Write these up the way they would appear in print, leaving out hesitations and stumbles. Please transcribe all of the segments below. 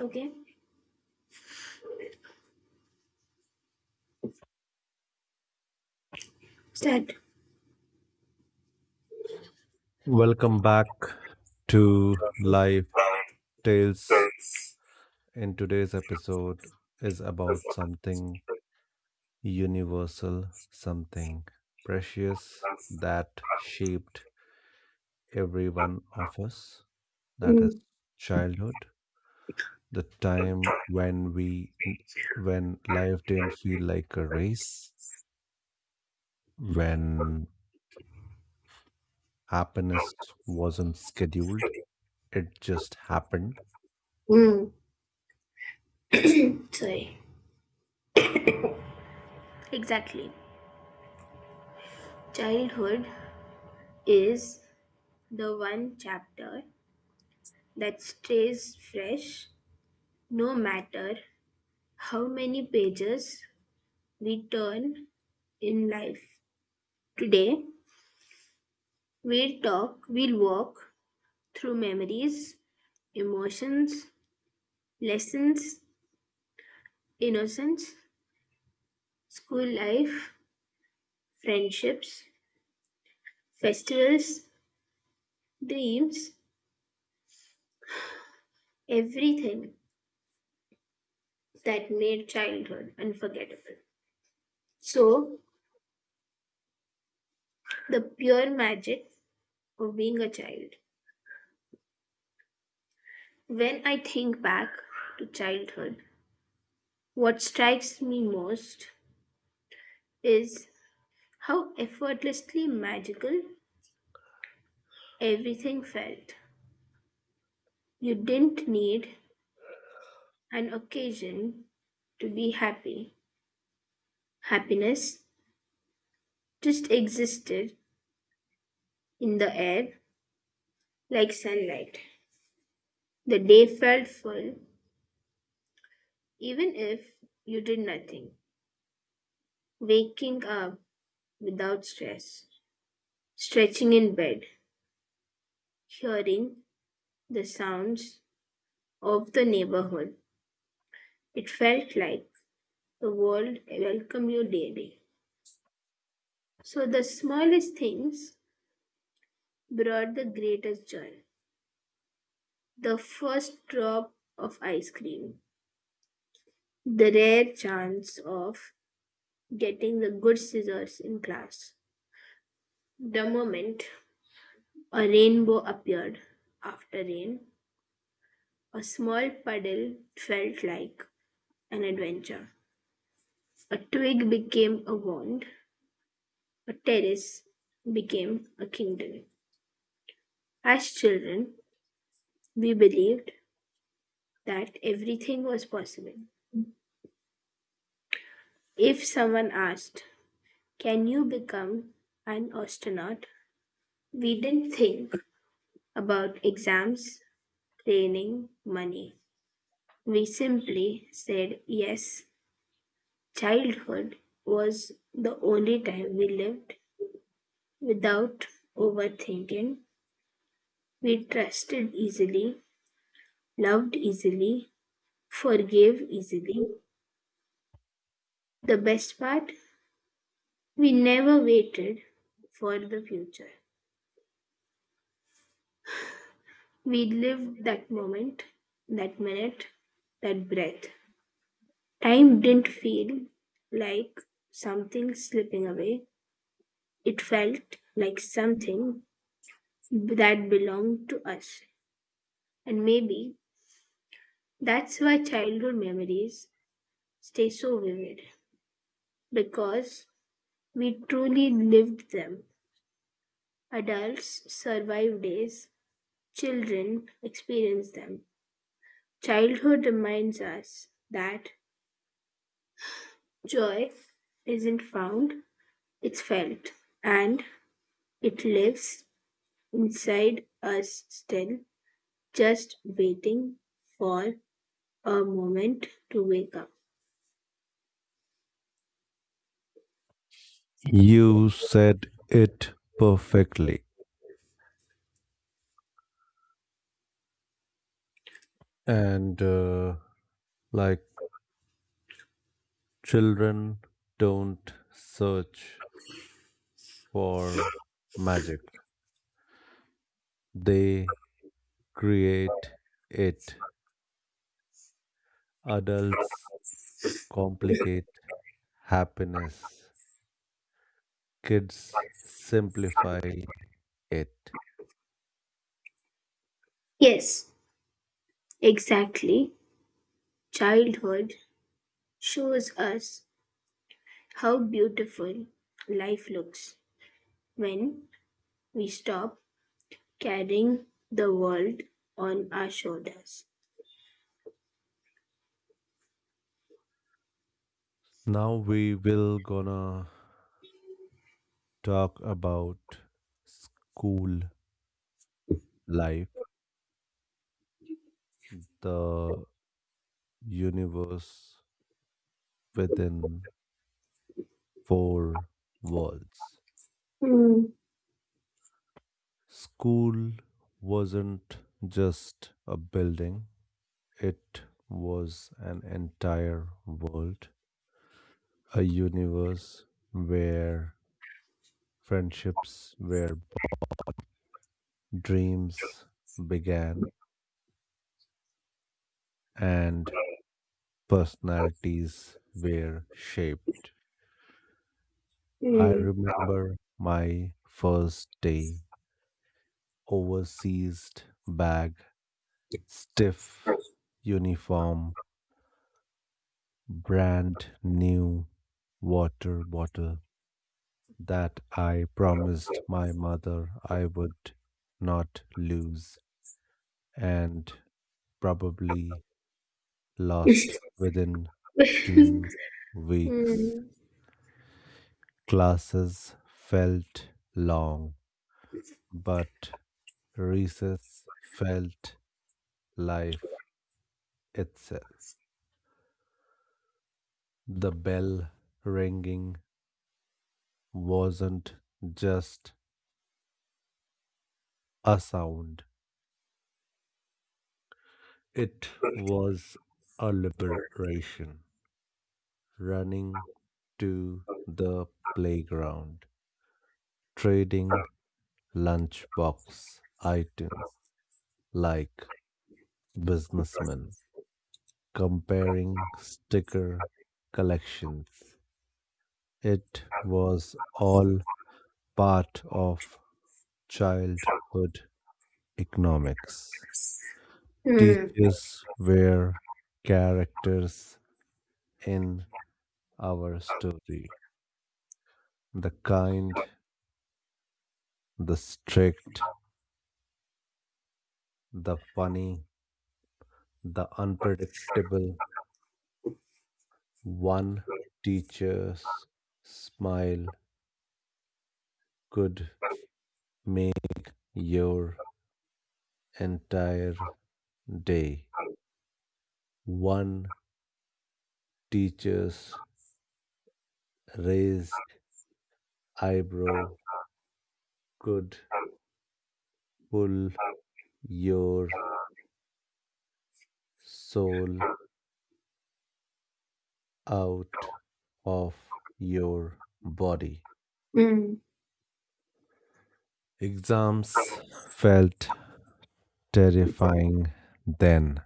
Okay. Start. Welcome back to Life Tales. Characters And today's episode is as about something universal, something precious well as that shaped every one of us. That is mm. childhood, the time when life didn't feel like a race, when happiness wasn't scheduled, it just happened. Mm. Sorry. Exactly. Childhood is the one chapter that stays fresh no matter how many pages we turn in life. Today, we'll walk through memories, emotions, lessons, innocence, school life, friendships, festivals, dreams, everything that made childhood unforgettable. So, the pure magic of being a child. When I think back to childhood, what strikes me most is how effortlessly magical everything felt. You didn't need an occasion to be happy. Happiness just existed in the air like sunlight. The day felt full even if you did nothing. Waking up without stress, stretching in bed, hearing the sounds of the neighborhood. It felt like the world welcomed you daily. So the smallest things brought the greatest joy. The first drop of ice cream, the rare chance of getting the good scissors in class, the moment a rainbow appeared after rain, a small puddle felt like an adventure. A twig became a wand. A terrace became a kingdom. As children, we believed that everything was possible. If someone asked, "Can you become an astronaut?" We didn't think about exams, training, money. We simply said yes. Childhood was the only time we lived without overthinking, we trusted easily, loved easily, forgave easily. The best part, we never waited for the future. We lived that moment, that minute, that breath. Time didn't feel like something slipping away, it felt like something that belonged to us. And maybe that's why childhood memories stay so vivid. Because we truly lived them. Adults survive days, children experience them. Childhood reminds us that joy isn't found, it's felt, and it lives inside us still, just waiting for a moment to wake up. You said it perfectly. And like children don't search for magic, they create it. Adults complicate happiness, kids simplify it. Yes, exactly. Childhood shows us how beautiful life looks when we stop carrying the world on our shoulders. Now we will gonna talk about school life, the universe within four worlds. Mm, School wasn't just a building, it was an entire world, a universe where friendships, where dreams began, and personalities were shaped. I mm, remember my first day, overseas bag, mm, stiff uniform, brand new water bottle that I promised my mother I would not lose and probably lost within two mm, weeks. mm, Classes felt long, but recess felt life itself. The bell ringing wasn't just a sound, it was a liberation. Running to the playground, trading lunchbox items like businessmen, comparing sticker collections. It was all part of childhood economics. mm, mm, Teachers were characters in our story: the kind, the strict, the funny, the unpredictable. One teacher's smile could make your entire day. One teacher's raised eyebrow could pull your soul out of your body. Exams felt terrifying then,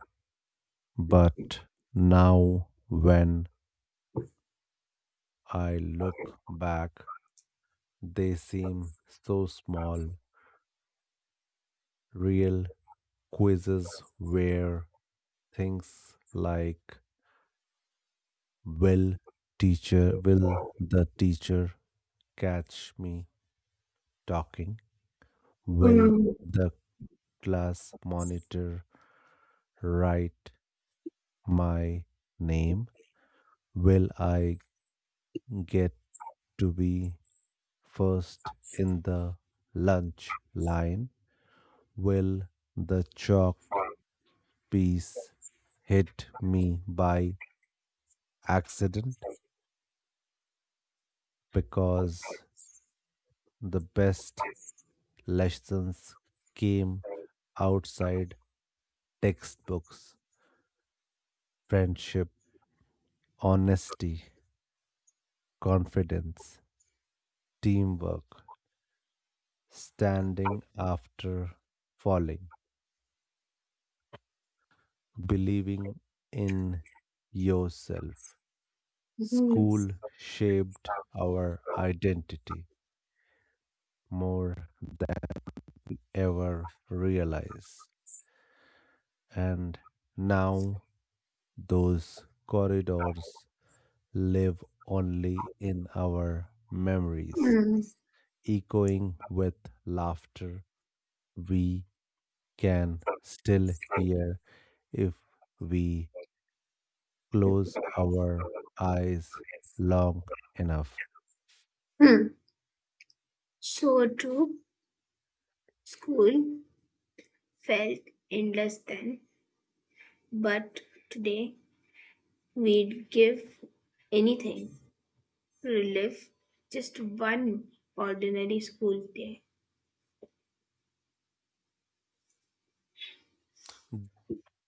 but now when I look back, they seem so small. Real quizzes where things like will will the teacher catch me talking? Will the class monitor write my name? Will I get to be first in the lunch line? Will the chalk piece hit me by accident? Because the best lessons came outside textbooks: friendship, honesty, confidence, teamwork, standing after falling, believing in yourself. School shaped our identity more ever realize. And now those corridors live only in our memories, mm, echoing with laughter we can still hear if we close our eyes long enough. mm. So true, school felt endless then, but today we'd give anything relive just one ordinary school day.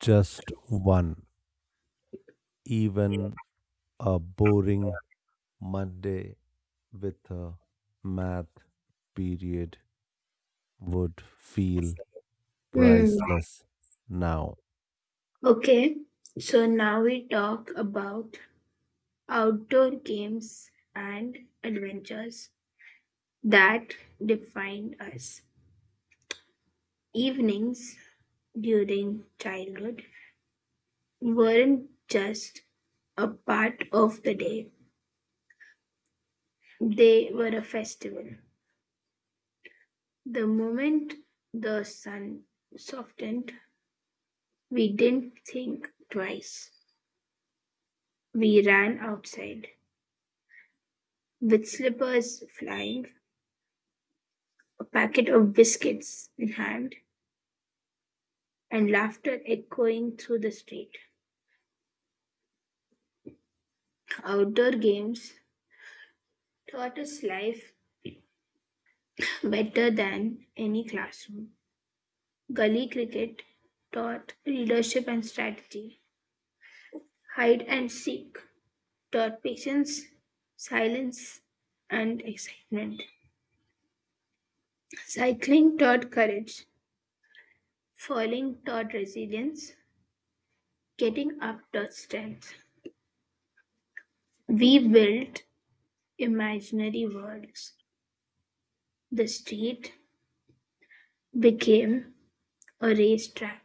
Just one, even a boring Monday with a math period would feel Hmm. priceless now. Okay, so now we talk about outdoor games and adventures that defined us. Evenings during childhood weren't just a part of the day, they were a festival. The moment the sun softened, we didn't think twice. We ran outside, with slippers flying, a packet of biscuits in hand, and laughter echoing through the street. Outdoor games taught us life better than any classroom. Gully cricket taught leadership and strategy. Hide and seek taught patience, silence, and excitement. Cycling taught courage. Falling taught resilience. Getting up taught strength. We built imaginary worlds. The street became a racetrack.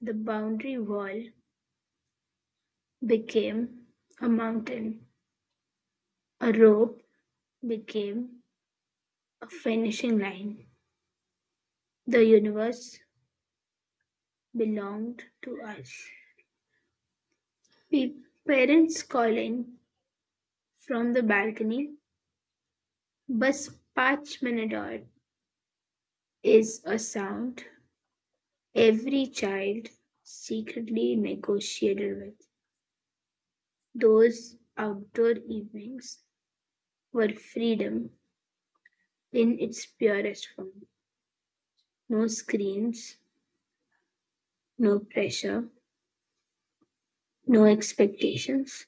The boundary wall became a mountain. A rope became a finishing line. The universe belonged to us. Pe- Parents calling from the balcony, bus patch minador is a sound every child secretly negotiated with. Those outdoor evenings were freedom in its purest form. No screens, no pressure, no expectations,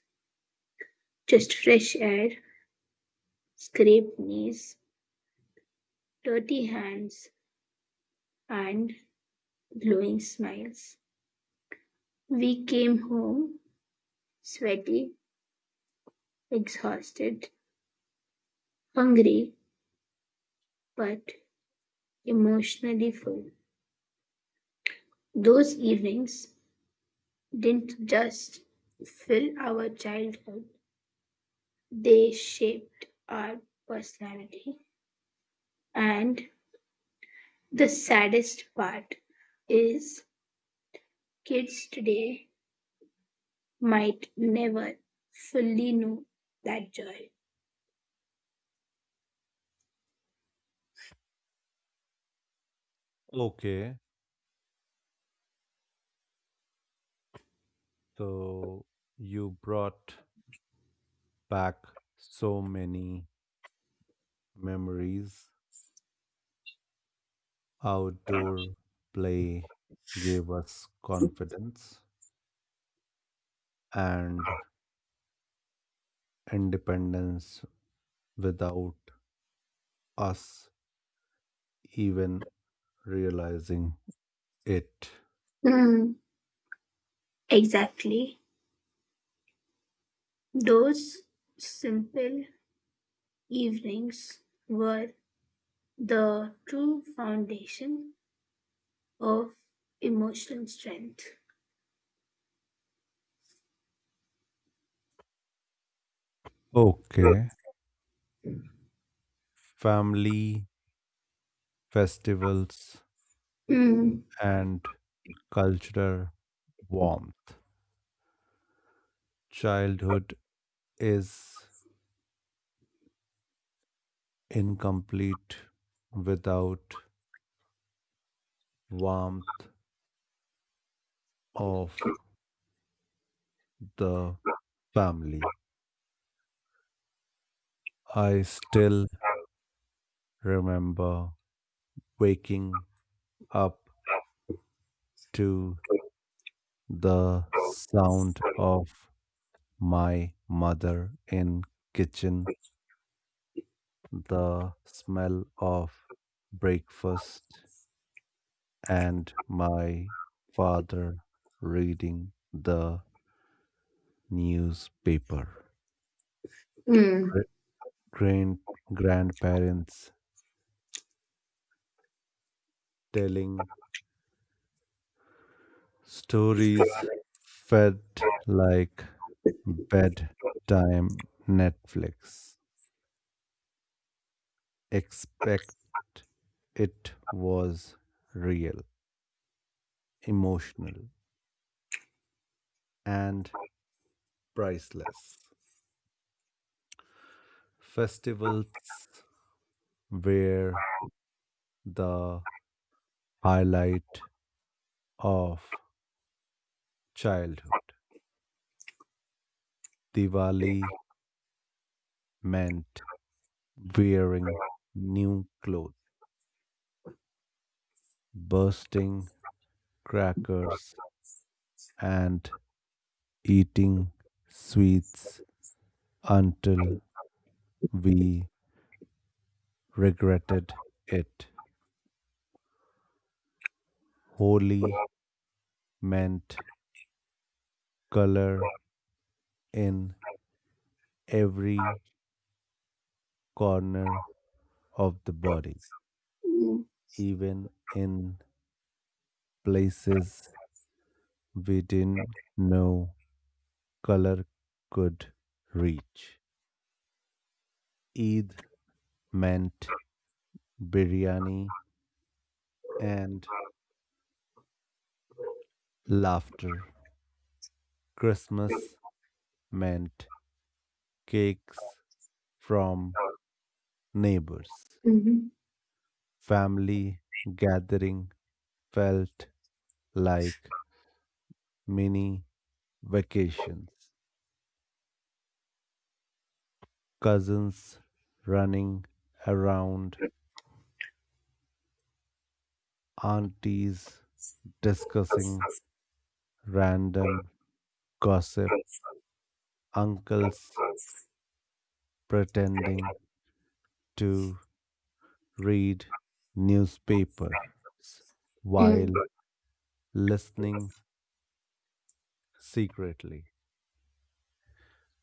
just fresh air, scraped knees, dirty hands, and glowing smiles. We came home sweaty, exhausted, hungry, but emotionally full. Those evenings didn't just fill our childhood, they shaped our personality. And the saddest part is kids today might never fully know that joy. Okay, so you brought back so many memories. Outdoor play gave us confidence and independence without us even realizing it. Mm, exactly. Those simple evenings were the true foundation of emotional strength. Okay, family, festivals, Mm, and cultural warmth. Childhood is incomplete without warmth of the family. I still remember waking up to the sound of my mother in kitchen, the smell of breakfast and my father reading the newspaper. mm, Gra- Grand grandparents telling stories fed like bedtime Netflix. Expect it was real, emotional, and priceless. Festivals were the highlight of childhood. Diwali meant wearing new clothes, bursting crackers, and eating sweets until we regretted it. Holy meant color in every corner of the body, even in places we didn't know color could reach. Eid meant biryani and laughter. Christmas meant cakes from neighbors. mm, Family gathering felt like mini vacations. Cousins running around, aunties discussing random gossip, uncles mhm. pretending to read newspapers Mm. while listening secretly.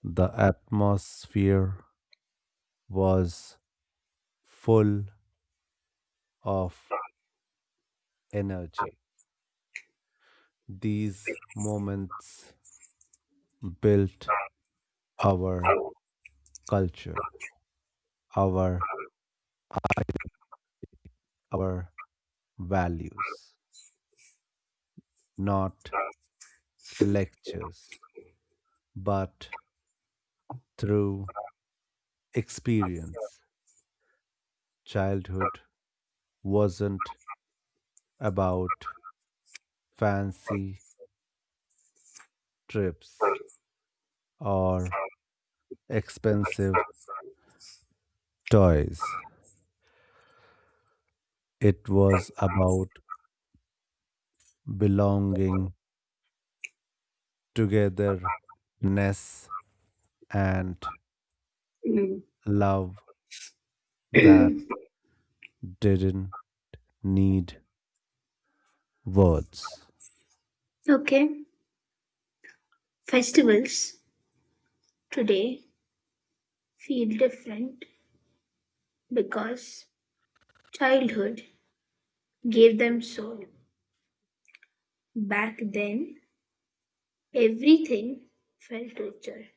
The atmosphere was full of energy. These moments built our culture, our our values, not lectures, but through experience. Childhood wasn't about fancy trips or expensive toys. It was about belonging, togetherness, and love that Mm. didn't need words. Okay, festivals today feel different because childhood gave them soul. Back then, everything felt torture.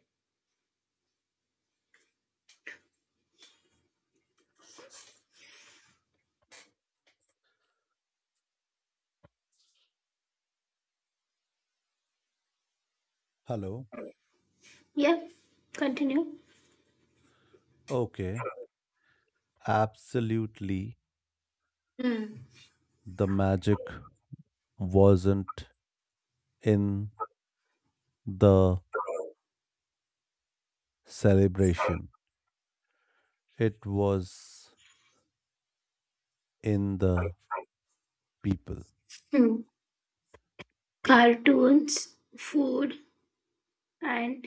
Hello. Yeah, continue. Okay, absolutely. Mm. The magic wasn't in the celebration, it was in the people. Mm. Cartoons, food, and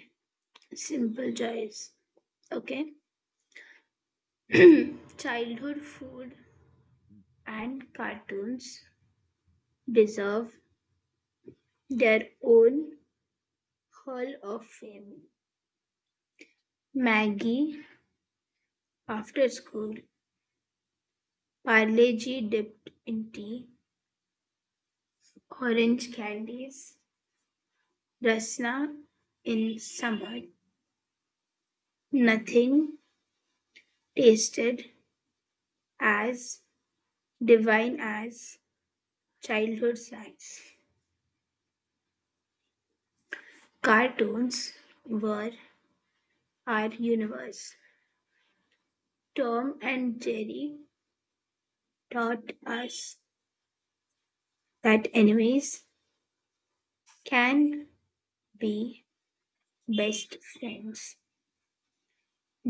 simple joys. Okay, childhood food and cartoons deserve their own Hall of Fame, Maggie, after school, Parle-G dipped in tea, orange candies, Rasna in summer. Nothing tasted as divine as childhood snacks. Cartoons were our universe. Tom and Jerry taught us that enemies can be best friends.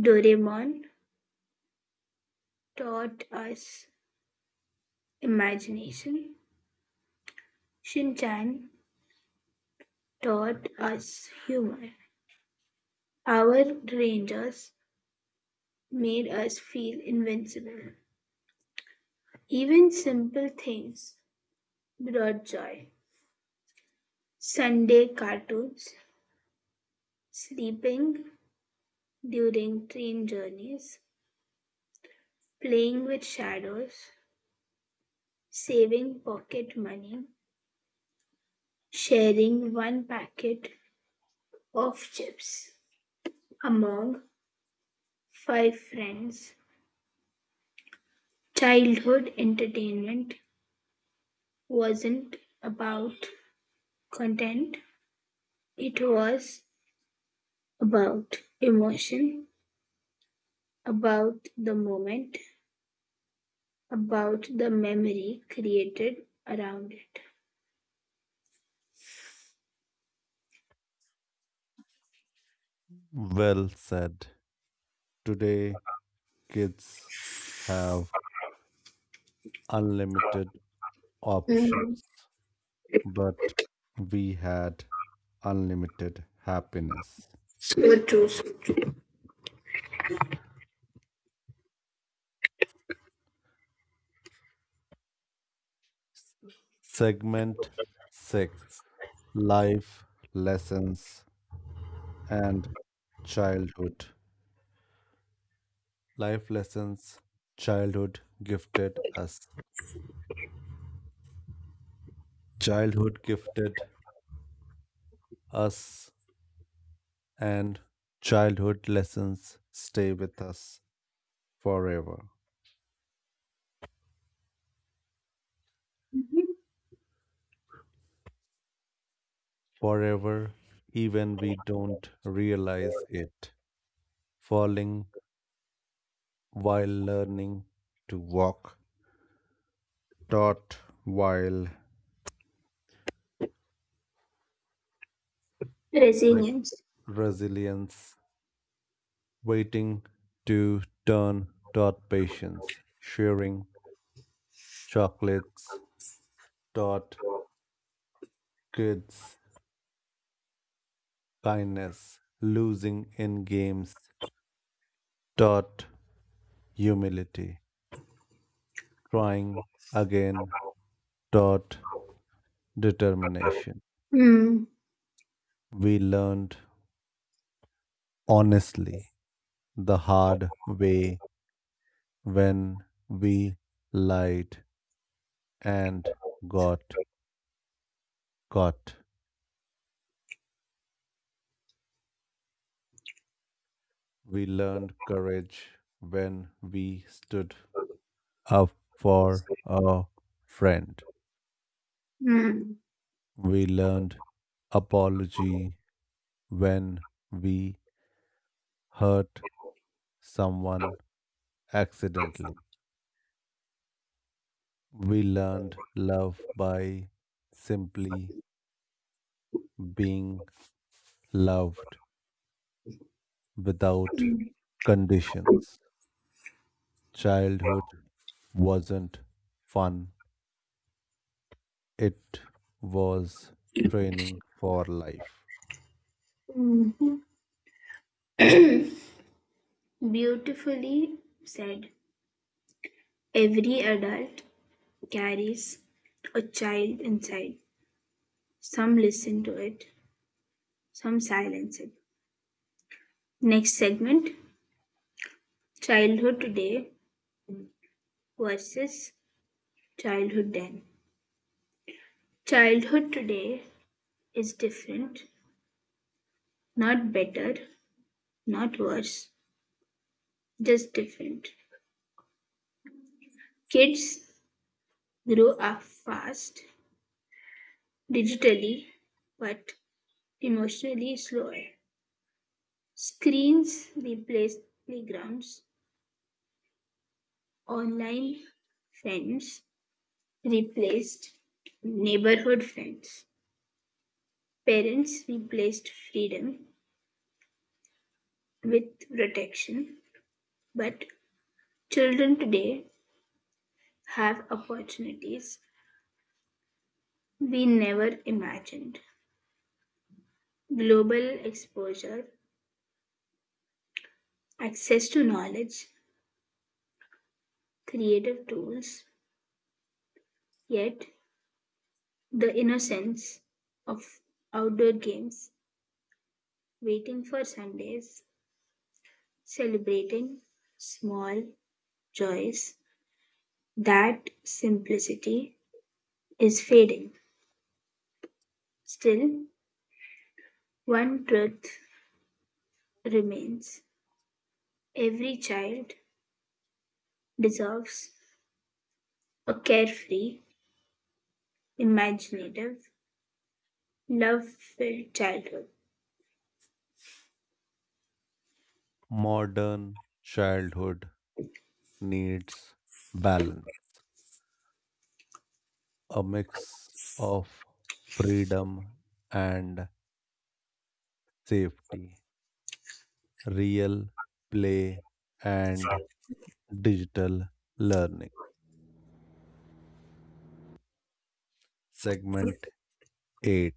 Doraemon taught us imagination, Shinchan taught us humor, our rangers made us feel invincible. Even simple things brought joy. Sunday cartoons, sleeping during train journeys, playing with shadows, saving pocket money, sharing one packet of chips among five friends. Childhood entertainment wasn't about content, it was about emotion, about the moment, about the memory created around it. Well said. Today, kids have unlimited Mm. options, but we had unlimited happiness. So true. So true. Segment 6: Life Lessons and Childhood. Life lessons childhood gifted us. Childhood gifted us, and childhood lessons stay with us forever. Mhm. Forever, even we don't realize it. Falling while learning to walk, taught while like Resilience. resilience, waiting to turn dot patience, sharing chocolates dot kids kindness, losing in games dot humility, trying again dot determination. Mm, We learned honestly the hard way when we lied and got caught. We learned courage when we stood up for a friend. mm. We learned apology when we hurt someone accidentally. We learned love by simply being loved without conditions. Childhood wasn't fun, it was training for life. Beautifully said. Every adult carries a child inside. Some listen to it, some silence it. Next segment: childhood today versus childhood then. Childhood today is different, not better, not worse, just different. Kids grow up fast, digitally, but emotionally slower. Screens replaced playgrounds, online friends replaced neighborhood friends, parents replaced freedom with protection, but children today have opportunities we never imagined. Global exposure, access to knowledge, creative tools, yet the innocence of outdoor games, waiting for Sundays, celebrating small joys, that simplicity is fading. Still, one truth remains: every child deserves a carefree, imaginative, love-filled childhood. Modern childhood needs balance, a mix of freedom and safety, real play and digital learning. Segment 8: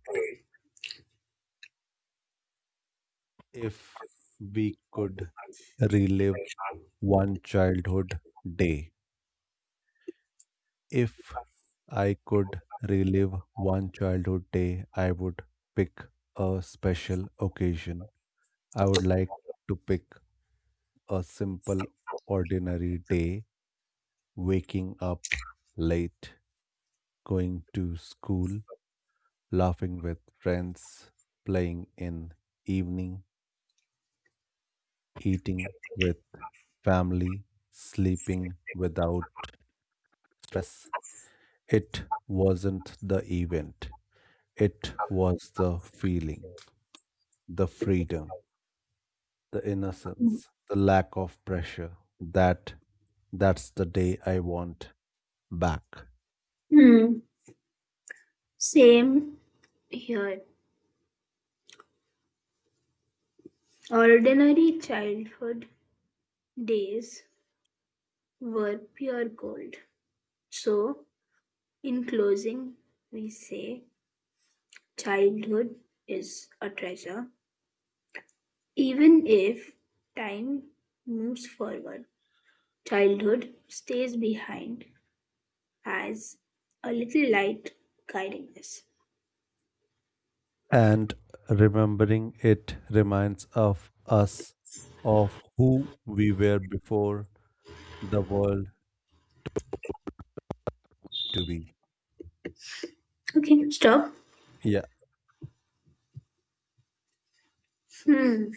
If we could relive one childhood day, if I could relive one childhood day, I would pick a special occasion. I would like to pick a simple, ordinary day, waking up late, going to school, laughing with friends, playing in evening, eating with family, sleeping without stress. It wasn't the event. It was the feeling, the freedom, the innocence, the lack of pressure. That's the day I want back. Hmm. Same here. Ordinary childhood days were pure gold. So, in closing, we say childhood is a treasure. Even if time moves forward, childhood stays behind as a little light guiding us. And remembering it reminds of us of who we were before the world to be. Okay, stop. Yeah. Hmm.